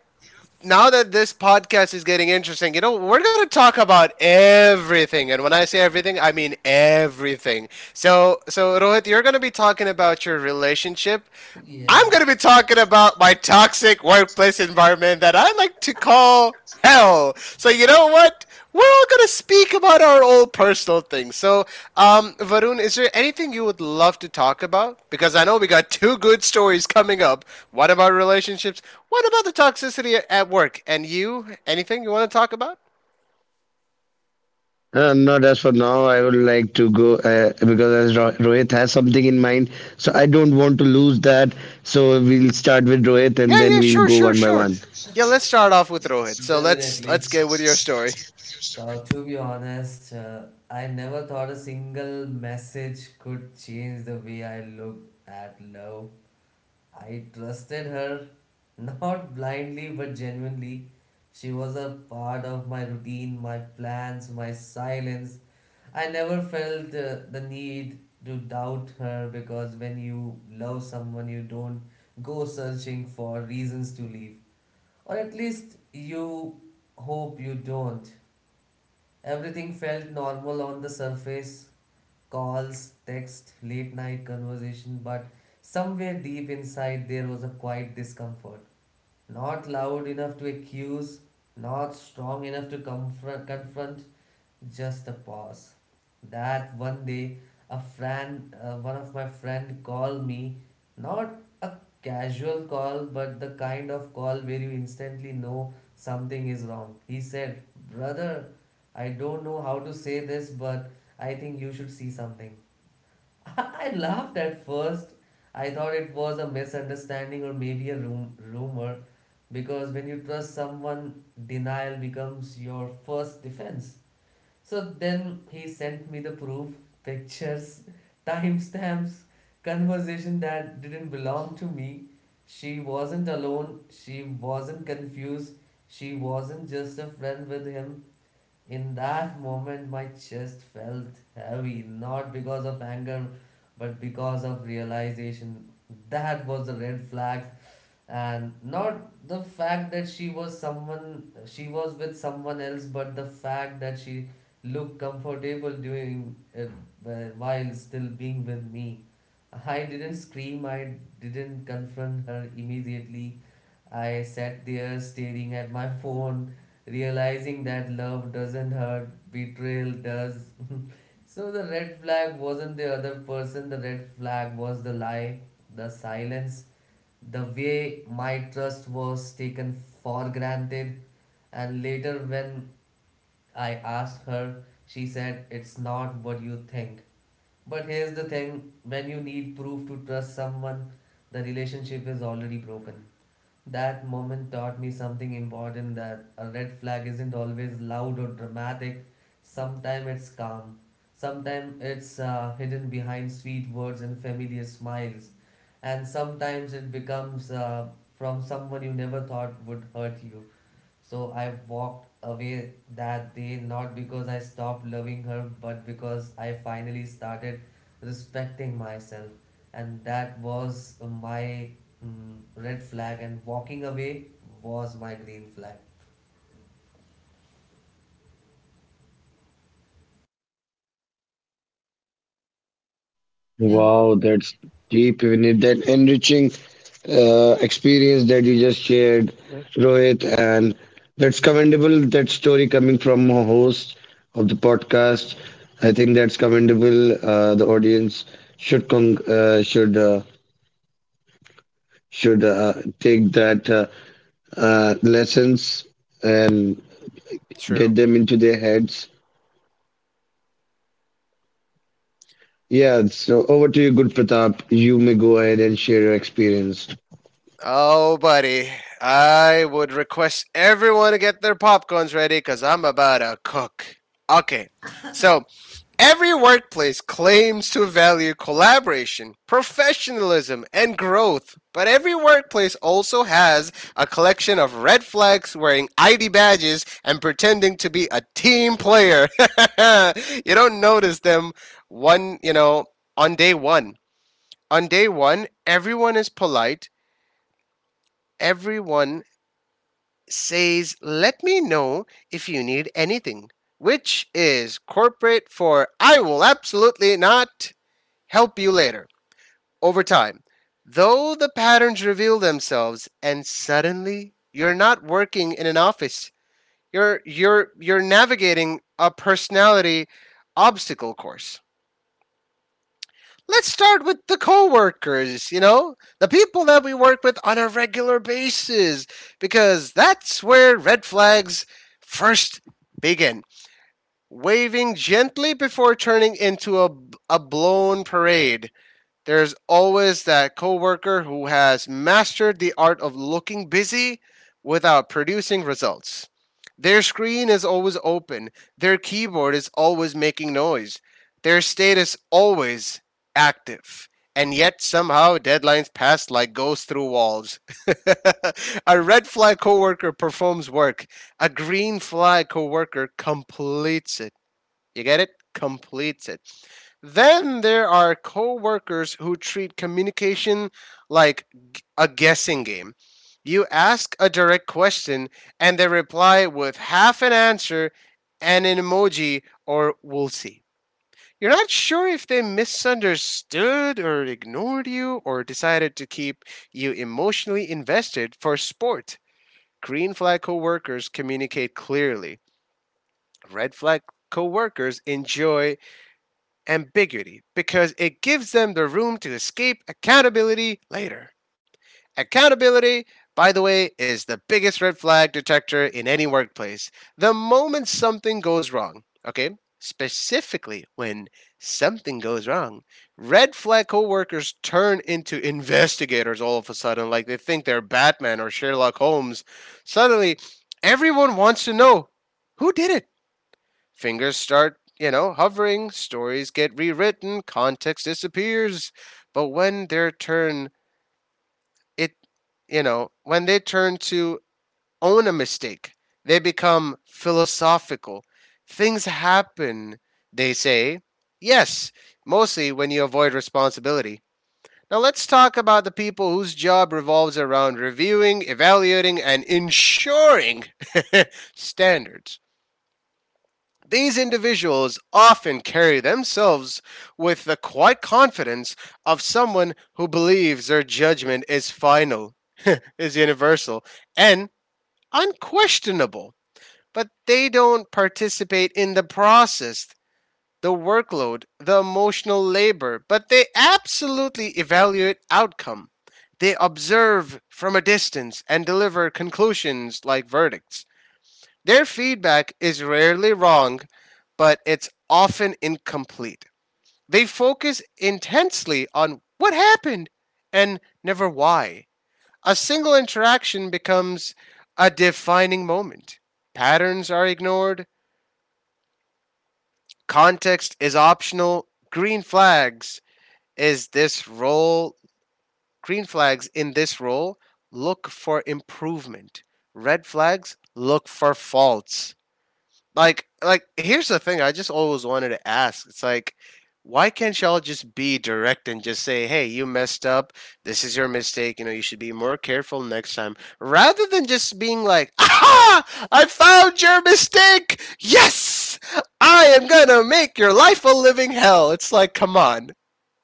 [SPEAKER 2] Now that this podcast is getting interesting, you know, we're going to talk about everything. And when I say everything, I mean everything. So, Rohit, you're going to be talking about your relationship.
[SPEAKER 1] [LAUGHS]
[SPEAKER 2] I'm
[SPEAKER 1] Yeah,
[SPEAKER 2] going to be talking about my toxic workplace environment that I like to call hell. So you know what? We're all going to speak about our own personal things. So, Varun, is there anything you would love to talk about? Because I know we got two good stories coming up. One about relationships. One about the toxicity a- at work. And you, anything you want to talk about?
[SPEAKER 3] Not as for now, I would like to go because as Rohit has something in mind, so I don't want to lose that. So we'll start with Rohit and
[SPEAKER 2] Yeah,
[SPEAKER 3] then
[SPEAKER 2] yeah,
[SPEAKER 3] we'll
[SPEAKER 2] sure,
[SPEAKER 3] go
[SPEAKER 2] sure,
[SPEAKER 3] one by
[SPEAKER 2] sure.
[SPEAKER 3] one.
[SPEAKER 2] Yeah, let's start off with Rohit. So let's
[SPEAKER 1] definitely.
[SPEAKER 2] let's get with your story.
[SPEAKER 1] So, to be honest, I never thought a single message could change the way I looked at love. I trusted her, [LAUGHS] not blindly but genuinely. She was a part of my routine, my plans, my silence. I never felt the need to doubt her because when you love someone, you don't go searching for reasons to leave. Or at least you hope you don't. Everything felt normal on the surface: calls, text, late night conversation, but somewhere deep inside there was a quiet discomfort. Not loud enough to accuse, not strong enough to confront, just a pause. That one day, one of my friend called me, not a casual call, but the kind of call where you instantly know something is wrong. He said, "Brother, I don't know how to say this, but I think you should see something." [LAUGHS] I laughed at first. I thought it was a misunderstanding or maybe a rumor, because when you trust someone, denial becomes your first defense. So then he sent me the proof, pictures, timestamps, conversation that didn't belong to me. She wasn't alone, she wasn't confused, she wasn't just a friend with him. In that moment, my chest felt heavy, not because of anger, but because of realization. That was the red flag, and not the fact that she was with someone else, but the fact that she looked comfortable doing it while still being with me. I didn't scream, I didn't confront her immediately. I sat there staring at my phone, realizing that love doesn't hurt, betrayal does. [LAUGHS] So the red flag wasn't the other person, the red flag was the lie, the silence, the way my trust was taken for granted. And later, when I asked her, she said, "It's not what you think." But here's the thing: when you need proof to trust someone, the relationship is already broken. That moment taught me something important, that a red flag isn't always loud or dramatic. Sometimes it's calm. Sometimes it's hidden behind sweet words and familiar smiles. And sometimes it becomes from someone you never thought would hurt you. So I walked away that day, not because I stopped loving her, but because I finally started respecting myself. And that was my red flag, and walking away was my green flag. Yeah.
[SPEAKER 3] Wow, that's deep, Vinit. That enriching experience that you just shared, Rohit, and that's commendable. That story coming from a host of the podcast, I think that's commendable. The audience should con- should take that lessons and get
[SPEAKER 2] True.
[SPEAKER 3] them into their heads. Yeah. So over to you, good Pratap. You may go ahead and share your experience.
[SPEAKER 2] Oh, buddy, I would request everyone to get their popcorns ready because I'm about to cook. Okay, so every workplace claims to value collaboration, professionalism, and growth, but every workplace also has a collection of red flags wearing ID badges and pretending to be a team player. [LAUGHS] You don't notice them one, you know, on day one. On day one, everyone is polite. Everyone says, "Let me know if you need anything," which is corporate for "I will absolutely not help you later." Over time, though, the patterns reveal themselves, and suddenly you're not working in an office, you're navigating a personality obstacle course. Let's start with the coworkers, you know, the people that we work with on a regular basis, because that's where red flags first begin. Waving gently before turning into a blown parade. There's always that coworker who has mastered the art of looking busy without producing results. Their screen is always open, their keyboard is always making noise, their status always active. And yet somehow deadlines pass like ghosts through walls. [LAUGHS] A red flag coworker performs work. A green flag coworker completes it. You get it? Completes it. Then there are coworkers who treat communication like a guessing game. You ask a direct question and they reply with half an answer and an emoji or "we'll see." You're not sure if they misunderstood or ignored you or decided to keep you emotionally invested for sport. Green flag coworkers communicate clearly. Red flag coworkers enjoy ambiguity because it gives them the room to escape accountability later. Accountability, by the way, is the biggest red flag detector in any workplace. The moment something goes wrong, okay? Specifically, when something goes wrong, red flag coworkers turn into investigators all of a sudden, like they think they're Batman or Sherlock Holmes. Suddenly, everyone wants to know, who did it? Fingers start, you know, hovering, stories get rewritten, context disappears. But when their turn, it, when they turn to own a mistake, they become philosophical. Things happen, they say. Yes, mostly when you avoid responsibility. Now let's talk about the people whose job revolves around reviewing, evaluating, and ensuring [LAUGHS] standards. These individuals often carry themselves with the quiet confidence of someone who believes their judgment is final, [LAUGHS] is universal, and unquestionable. But they don't participate in the process, the workload, the emotional labor, but they absolutely evaluate outcome. They observe from a distance and deliver conclusions like verdicts. Their feedback is rarely wrong, but it's often incomplete. They focus intensely on what happened and never why. A single interaction becomes a defining moment. Patterns are ignored, context is optional. Is this role, Green flags in this role look for improvement. Red flags look for faults. Here's the thing, I just always wanted to ask, it's like, why can't y'all just be direct and just say, hey, you messed up, this is your mistake, you know, you should be more careful next time, rather than just being like, aha, I found your mistake, yes, I am gonna make your life a living hell. It's like, come on,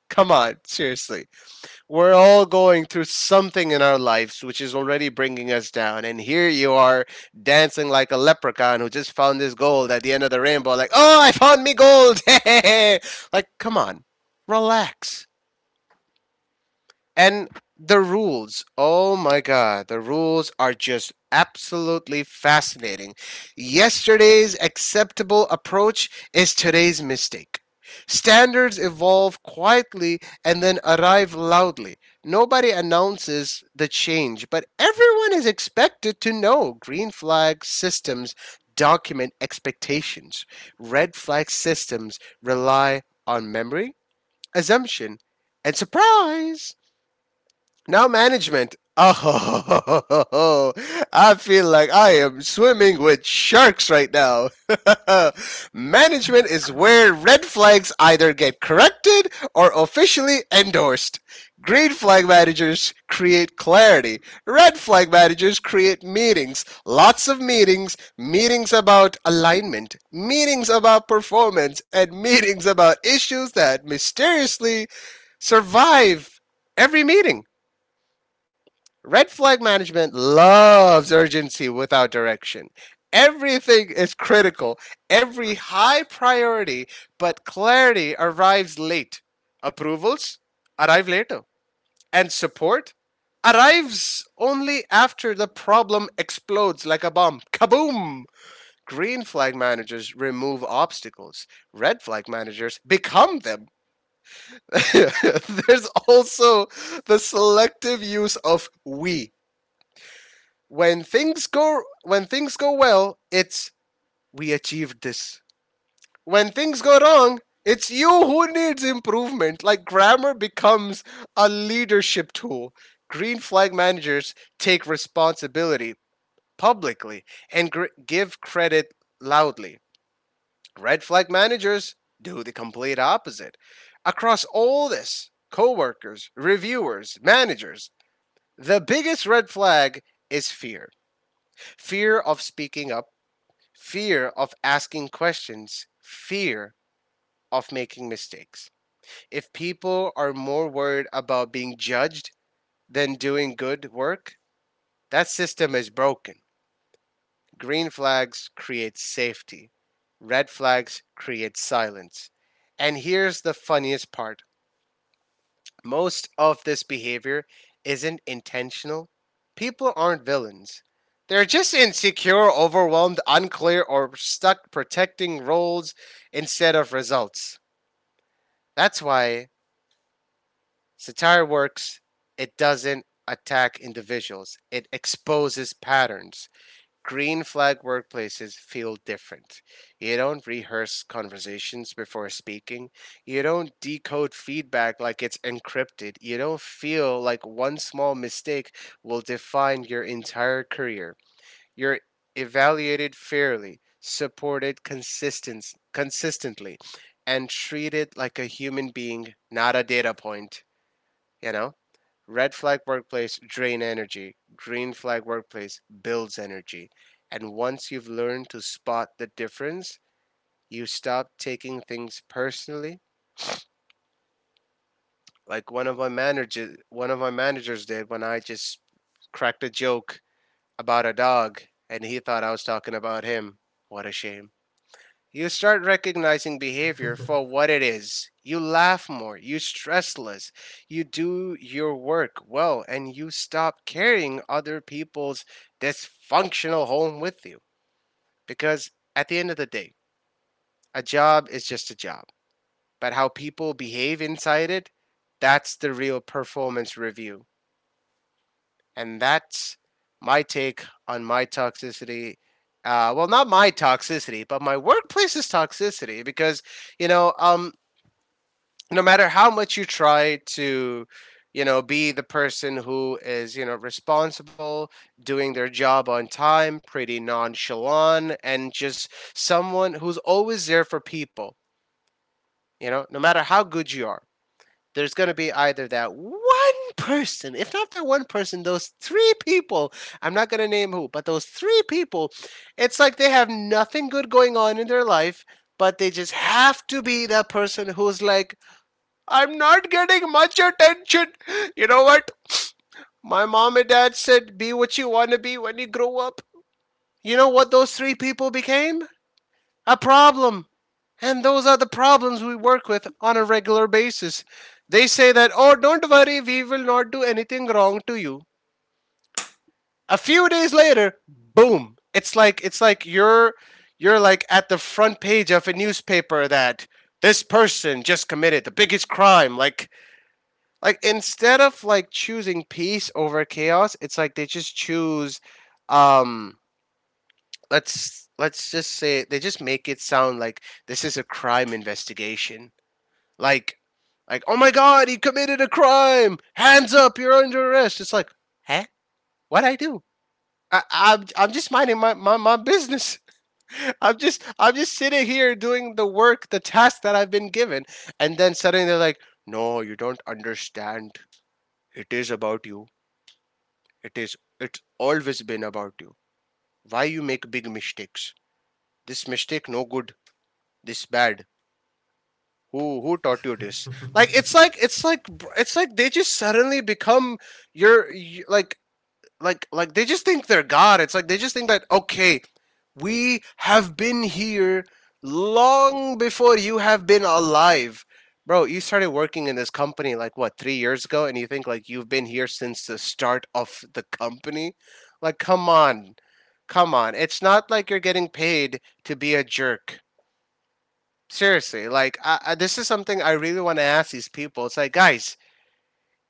[SPEAKER 2] seriously, we're all going through something in our lives which is already bringing us down. And here you are dancing like a leprechaun who just found his gold at the end of the rainbow, like, oh, I found me gold. [LAUGHS] Like, come on, relax. And the rules, oh my God, the rules are just absolutely fascinating. Yesterday's acceptable approach is today's mistake. Standards evolve quietly and then arrive loudly. Nobody announces the change, but everyone is expected to know. Green flag systems document expectations, red flag systems rely on memory, assumption, and surprise. Now management. Oh, [LAUGHS] I feel like I am swimming with sharks right now. [LAUGHS] Management is where red flags either get corrected or officially endorsed. Green flag managers create clarity. Red flag managers create meetings. Lots of meetings. Meetings about alignment. Meetings about performance. And [LAUGHS] meetings about issues that mysteriously survive every meeting. Red flag management loves urgency without direction. Everything is critical, every high priority, but clarity arrives late. Approvals arrive later, and support arrives only after the problem explodes like a bomb. Kaboom! Green flag managers remove obstacles. Red flag managers become them. [LAUGHS] There's also the selective use of "we." When things go well, it's "we achieved this." When things go wrong, it's "you who needs improvement." Like grammar becomes a leadership tool. Green flag managers take responsibility publicly and give credit loudly. Red flag managers do the complete opposite. Across all this, coworkers, reviewers, managers, the biggest red flag is fear. Fear of speaking up, fear of asking questions, fear of making mistakes. If people are more worried about being judged than doing good work, that system is broken. Green flags create safety, red flags create silence. And here's the funniest part. Most of this behavior isn't intentional. People aren't villains. They're just insecure, overwhelmed, unclear, or stuck protecting roles instead of results. That's why satire works. It doesn't attack individuals, it exposes patterns. Green flag workplaces feel different. You don't rehearse conversations before speaking. You don't decode feedback like it's encrypted. You don't feel like one small mistake will define your entire career. You're evaluated fairly, consistently, and treated like a human being, not a data point, you know? Red flag workplace drain energy. Green flag workplace builds energy. And once you've learned to spot the difference, you stop taking things personally. Like one of my managers did when I just cracked a joke about a dog, and he thought I was talking about him. What a shame. You start recognizing behavior for what it is. You laugh more, you stress less, you do your work well, and you stop carrying other people's dysfunctional home with you. Because at the end of the day, a job is just a job. But how people behave inside it, that's the real performance review. And that's my take on my toxicity. Well, not my toxicity, but my workplace's toxicity. Because, you know, um, no matter how much you try to be the person who is responsible, doing their job on time, pretty nonchalant, and just someone who's always there for people, no matter how good you are, there's going to be either that one person, if not that one person, those three people. I'm not going to name who, but those three people, it's like they have nothing good going on in their life, but they just have to be that person who's like, "I'm not getting much attention. You know what? My mom and dad said, be what you want to be when you grow up." You know what those three people became? A problem. And those are the problems we work with on a regular basis. They say that, "Oh, don't worry, we will not do anything wrong to you." A few days later, boom. It's like you're like at the front page of a newspaper, that this person just committed the biggest crime. Like, instead of like choosing peace over chaos, it's like they just choose, um let's just say, they just make it sound like this is a crime investigation. Like like, oh my god, he committed a crime. Hands up, you're under arrest. It's like, "Huh? What I do?" I'm just minding my business. [LAUGHS] I'm just sitting here doing the work, the task that I've been given, and then suddenly they're like, "No, you don't understand. It is about you. It's always been about you. Why you make big mistakes. This mistake no good. This bad. Who taught you this?" Like it's like it's like it's like they just suddenly become your y- like like they just think they're god. It's like they just think that, okay, we have been here long before you have been alive. Bro, you started working in this company like what, 3 years ago, and you think like you've been here since the start of the company? Like, come on. Come on, it's not like you're getting paid to be a jerk. Seriously, like, this is something I really want to ask these people. It's like, "Guys,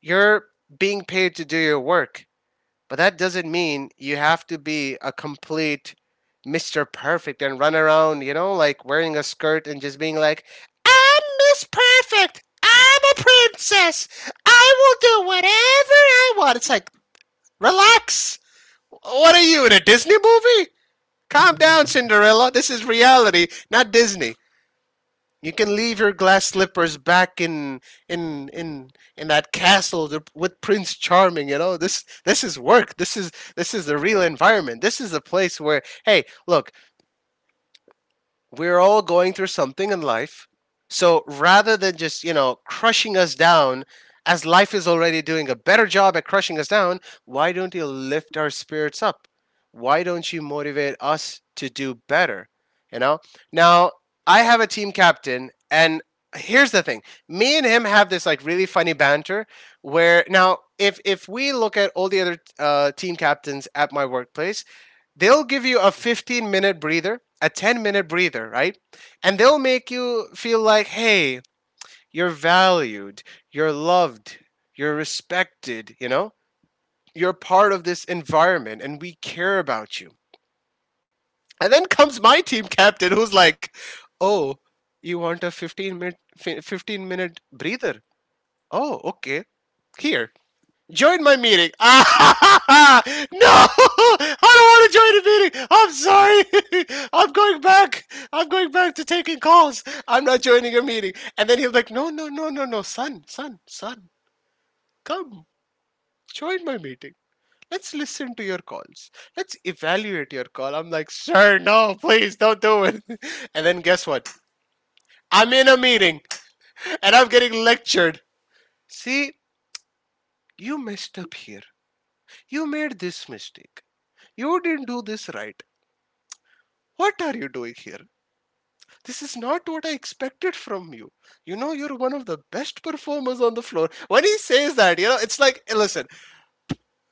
[SPEAKER 2] you're being paid to do your work, but that doesn't mean you have to be a complete Mr. Perfect and run around, like wearing a skirt and just being like, 'I'm Miss Perfect. I'm a princess. I will do whatever I want.'" It's like, relax. What are you, in a Disney movie? Calm down, Cinderella. This is reality, not Disney. You can leave your glass slippers back in in in that castle, with Prince Charming. You know, this is work. This is the real environment. This is the place where, hey, look, we're all going through something in life. So rather than just, crushing us down, as life is already doing a better job at crushing us down, why don't you lift our spirits up? Why don't you motivate us to do better? You know? Now, I have a team captain, and here's the thing, me and him have this like really funny banter where now, if we look at all the other, team captains at my workplace, they'll give you a 15-minute breather, a 10-minute breather, right? And they'll make you feel like, "Hey, you're valued, you're loved, you're respected, you know? You're part of this environment and we care about you." And then comes my team captain who's like, "Oh, you want a 15 minute, 15-minute breather? Oh, okay. Here, join my meeting." [LAUGHS] "No, I don't want to join a meeting. I'm sorry." [LAUGHS] "I'm going back. I'm going back to taking calls. I'm not joining your meeting." And then he'll be like, "No, no, no, no, no, son, son, son, come, join my meeting. Let's listen to your calls. Let's evaluate your call." I'm like, "Sir, no, please don't do it." [LAUGHS] And then guess what? I'm in a meeting and I'm getting lectured. "See, you messed up here. You made this mistake. You didn't do this right. What are you doing here? This is not what I expected from you. You're one of the best performers on the floor." When he says that, it's like, eh, listen,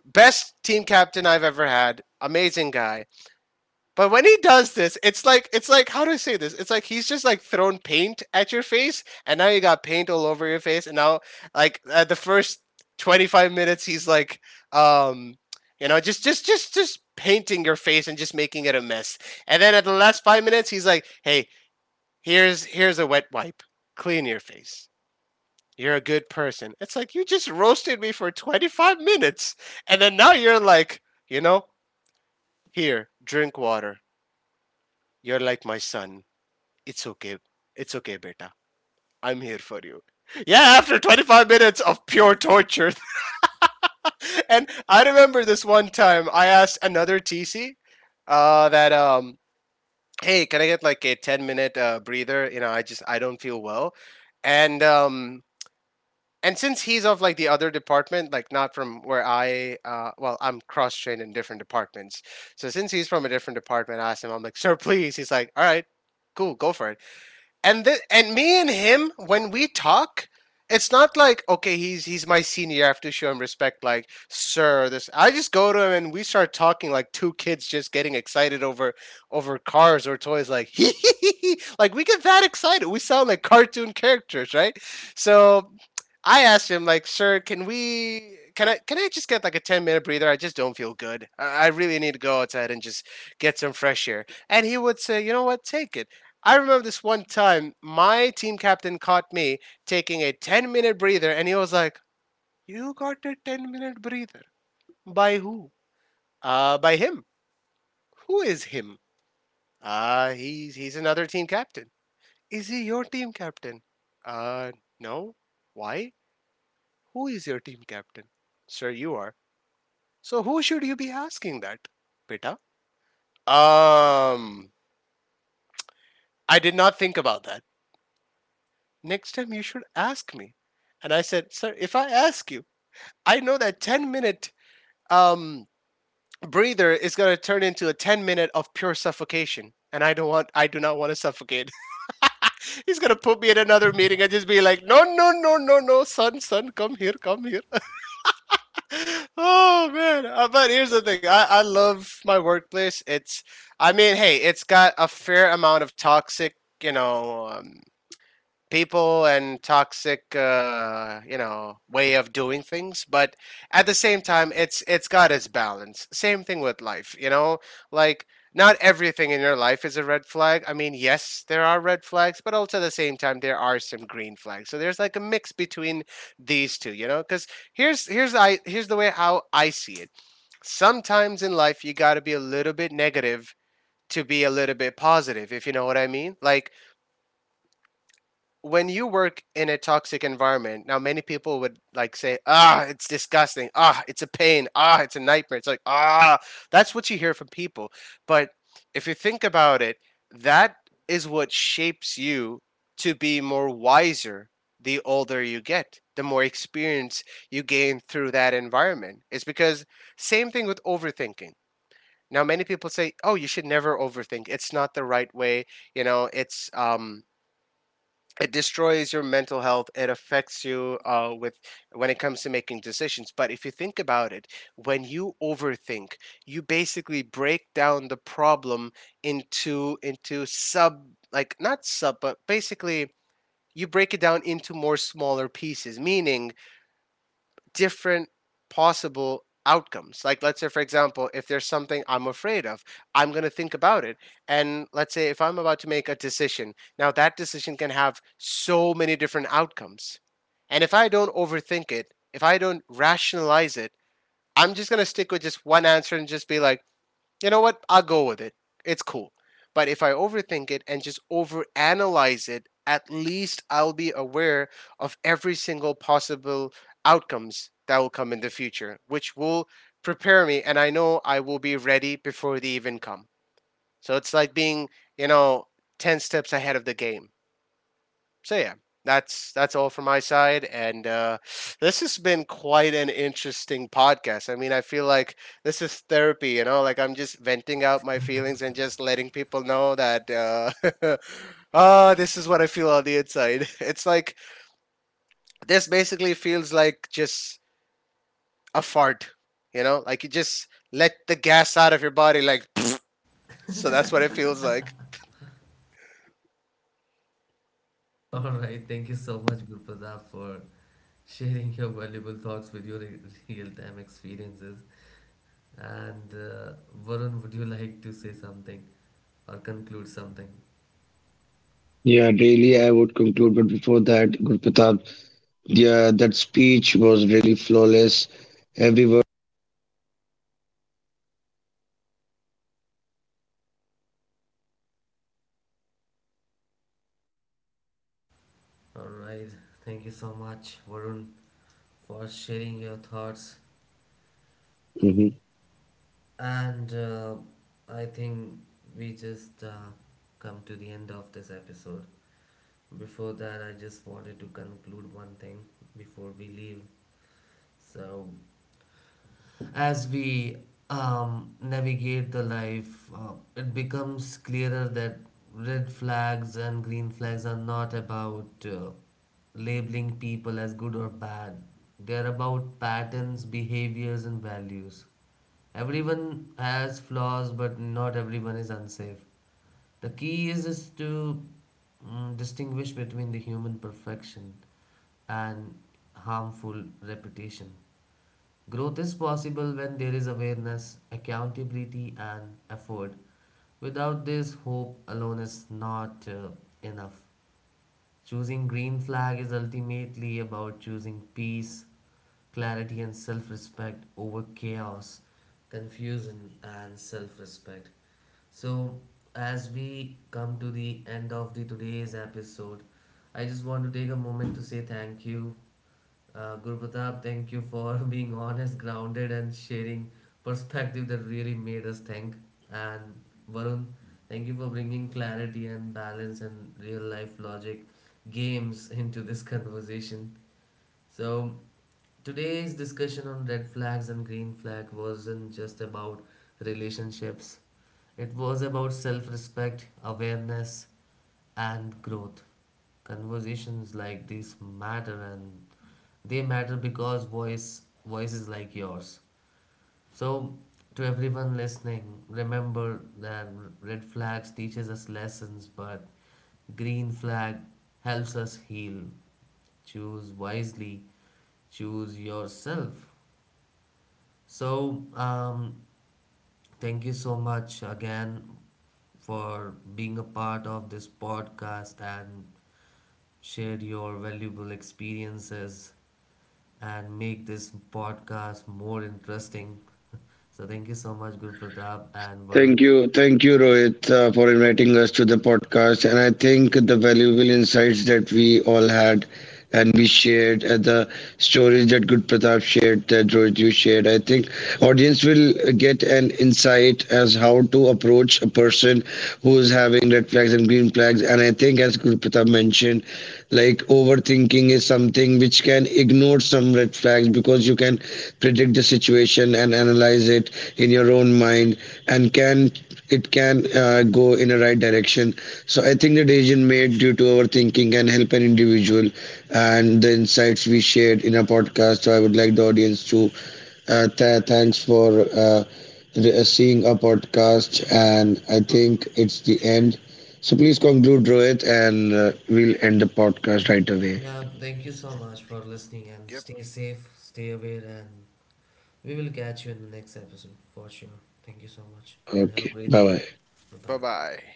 [SPEAKER 2] best team captain I've ever had, amazing guy. But when he does this, it's like, how do I say this? It's like he's just like thrown paint at your face, and now you got paint all over your face, and now, like, at the first 25 minutes, he's like, um, just painting your face and just making it a mess. And then at the last 5 minutes, he's like, "Hey, here's a wet wipe. Clean your face. You're a good person." It's like you just roasted me for 25 minutes, and then now you're like, you know, "Here, drink water. You're like my son. It's okay. It's okay, beta. I'm here for you." Yeah, after 25 minutes of pure torture. [LAUGHS] And I remember this one time I asked another TC, that, "Hey, can I get like a 10 minute, breather? You know, I don't feel well." And, and since he's of like the other department, like not from where I'm cross-trained in different departments, so since he's from a different department, I asked him, I'm like, "Sir, please." He's like, "All right, cool, go for it." And me and him, when we talk, it's not like, okay, he's my senior, I have to show him respect, like, "Sir, this." I just go to him and we start talking like two kids just getting excited over cars or toys, like, [LAUGHS] like, we get that excited, we sound like cartoon characters, right? So I asked him like, "Sir, can we? Can I? Can I just get like a 10 minute breather? I just don't feel good. I really need to go outside and just get some fresh air." And he would say, "You know what? Take it." I remember this one time, my team captain caught me taking a 10 minute breather, and he was like, "You got a 10 minute breather? By who?" By him." "Who is him?" He's another team captain." "Is he your team captain?" Uh, no." "Why? Who is your team captain?" "Sir, you are." "So who should you be asking that, beta?" Um, I did not think about that. Next time you should ask me." And I said, "Sir, if I ask you, I know that 10 minute, um, breather is going to turn into a 10 minute of pure suffocation. And I do not want to suffocate." [LAUGHS] He's going to put me in another meeting and just be like, "No, no, no, no, no, son, son, come here, come here." [LAUGHS] Oh man. But here's the thing, I love my workplace. It's I mean, hey, it's got a fair amount of toxic, you know um, people, and toxic, way of doing things, but at the same time, it's got its balance. Same thing with life, you know. Like, not everything in your life is a red flag. I mean, yes, there are red flags, but also at the same time, there are some green flags, so there's like a mix between these two, because here's the way how I see it. Sometimes in life, you got to be a little bit negative to be a little bit positive, if you know what I mean. Like, when you work in a toxic environment, now many people would like say, "Ah, it's disgusting. Ah, it's a pain. Ah, it's a nightmare." It's like, "Ah," that's what you hear from people. But if you think about it, that is what shapes you to be more wiser. The older you get, the more experience you gain through that environment. It's because, same thing with overthinking. Now many people say, "Oh, you should never overthink. It's not the right way. You know, it's um it destroys your mental health. It affects you, with when it comes to making decisions." But if you think about it, when you overthink, you basically break down the problem into sub, like not sub, but basically, you break it down into more smaller pieces, meaning different possible outcomes. Like, let's say, for example, if there's something I'm afraid of, I'm going to think about it. And let's say if I'm about to make a decision, now that decision can have so many different outcomes. And if I don't overthink it, if I don't rationalize it, I'm just going to stick with just one answer and just be like, "You know what? I'll go with it. It's cool." But if I overthink it and just overanalyze it, at least I'll be aware of every single possible outcomes that will come in the future, which will prepare me, and I know I will be ready before they even come. So it's like being, you know, 10 steps ahead of the game. So yeah, that's all from my side. And, this has been quite an interesting podcast. I mean, I feel like this is therapy. Like, I'm just venting out my feelings and just letting people know that. [LAUGHS] Oh, this is what I feel on the inside. [LAUGHS] It's like this basically feels like just a fart, you know? Like you just let the gas out of your body, like, [LAUGHS] [SNIFFS] so that's what it
[SPEAKER 1] [LAUGHS]
[SPEAKER 2] feels like.
[SPEAKER 1] All right. Thank you so much, Gurpradap, for sharing your valuable thoughts with your real-time experiences. And Varun, would you like to say something or conclude something?
[SPEAKER 3] Yeah, really, I would conclude. But before that, Gurpratap, yeah, that speech was really flawless. Every word.
[SPEAKER 1] All right. Thank you so much, Varun, for sharing your thoughts.
[SPEAKER 3] Mhm.
[SPEAKER 1] And I think we just come to the end of this episode. Before that, I just wanted to conclude one thing before we leave. So, as we navigate the life, it becomes clearer that red flags and green flags are not about labeling people as good or bad. They are about patterns, behaviors, and values. Everyone has flaws, but not everyone is unsafe. The key is to distinguish between the human perfection and harmful repetition. Growth is possible when there is awareness, accountability, and effort. Without this, hope alone is not enough. Choosing green flag is ultimately about choosing peace, clarity, and self respect over chaos, confusion, and self respect. So, as we come to the end of the today's episode, I just want to take a moment to say thank you. Gurpratap, thank you for [LAUGHS] being honest, grounded, and sharing perspective that really made us think. And Varun, thank you for bringing clarity and balance and real life logic games [LAUGHS] into this conversation. So, today's discussion on red flags and green flag wasn't just about relationships, it was about self respect, awareness, and growth. Conversations like this matter, and they matter because voices like yours. So to everyone listening, remember that red flags teaches us lessons, but green flag helps us heal. Choose wisely, choose yourself. So thank you so much again for being a part of this podcast and shared your valuable experiences, and make this podcast more interesting. So, thank you so much, Guru Pratap and Varun.
[SPEAKER 3] Thank you. Thank you, Rohit, for inviting us to the podcast. And I think the valuable insights that we all had and we shared, the stories that Good Pratap shared, that Rohit you shared, I think audience will get an insight as how to approach a person who is having red flags and green flags. And I think as Good Pratap mentioned, like overthinking is something which can ignore some red flags, because you can predict the situation and analyze it in your own mind and can, it can go in a right direction. So I think the decision made due to our thinking can help an individual and the insights we shared in our podcast. So I would like the audience to, thanks for seeing our podcast, and I
[SPEAKER 2] Mhm.
[SPEAKER 3] think it's the end. So please conclude, Rohit, and we'll end the podcast right away.
[SPEAKER 1] Yeah, thank you so
[SPEAKER 2] Yep.
[SPEAKER 1] much for listening and stay safe, stay aware, and we will catch you in the next episode for sure. Thank you so much and have a
[SPEAKER 3] Okay,
[SPEAKER 1] great
[SPEAKER 3] bye
[SPEAKER 1] day.
[SPEAKER 3] bye.
[SPEAKER 1] Bye
[SPEAKER 2] Bye
[SPEAKER 1] bye.
[SPEAKER 2] bye.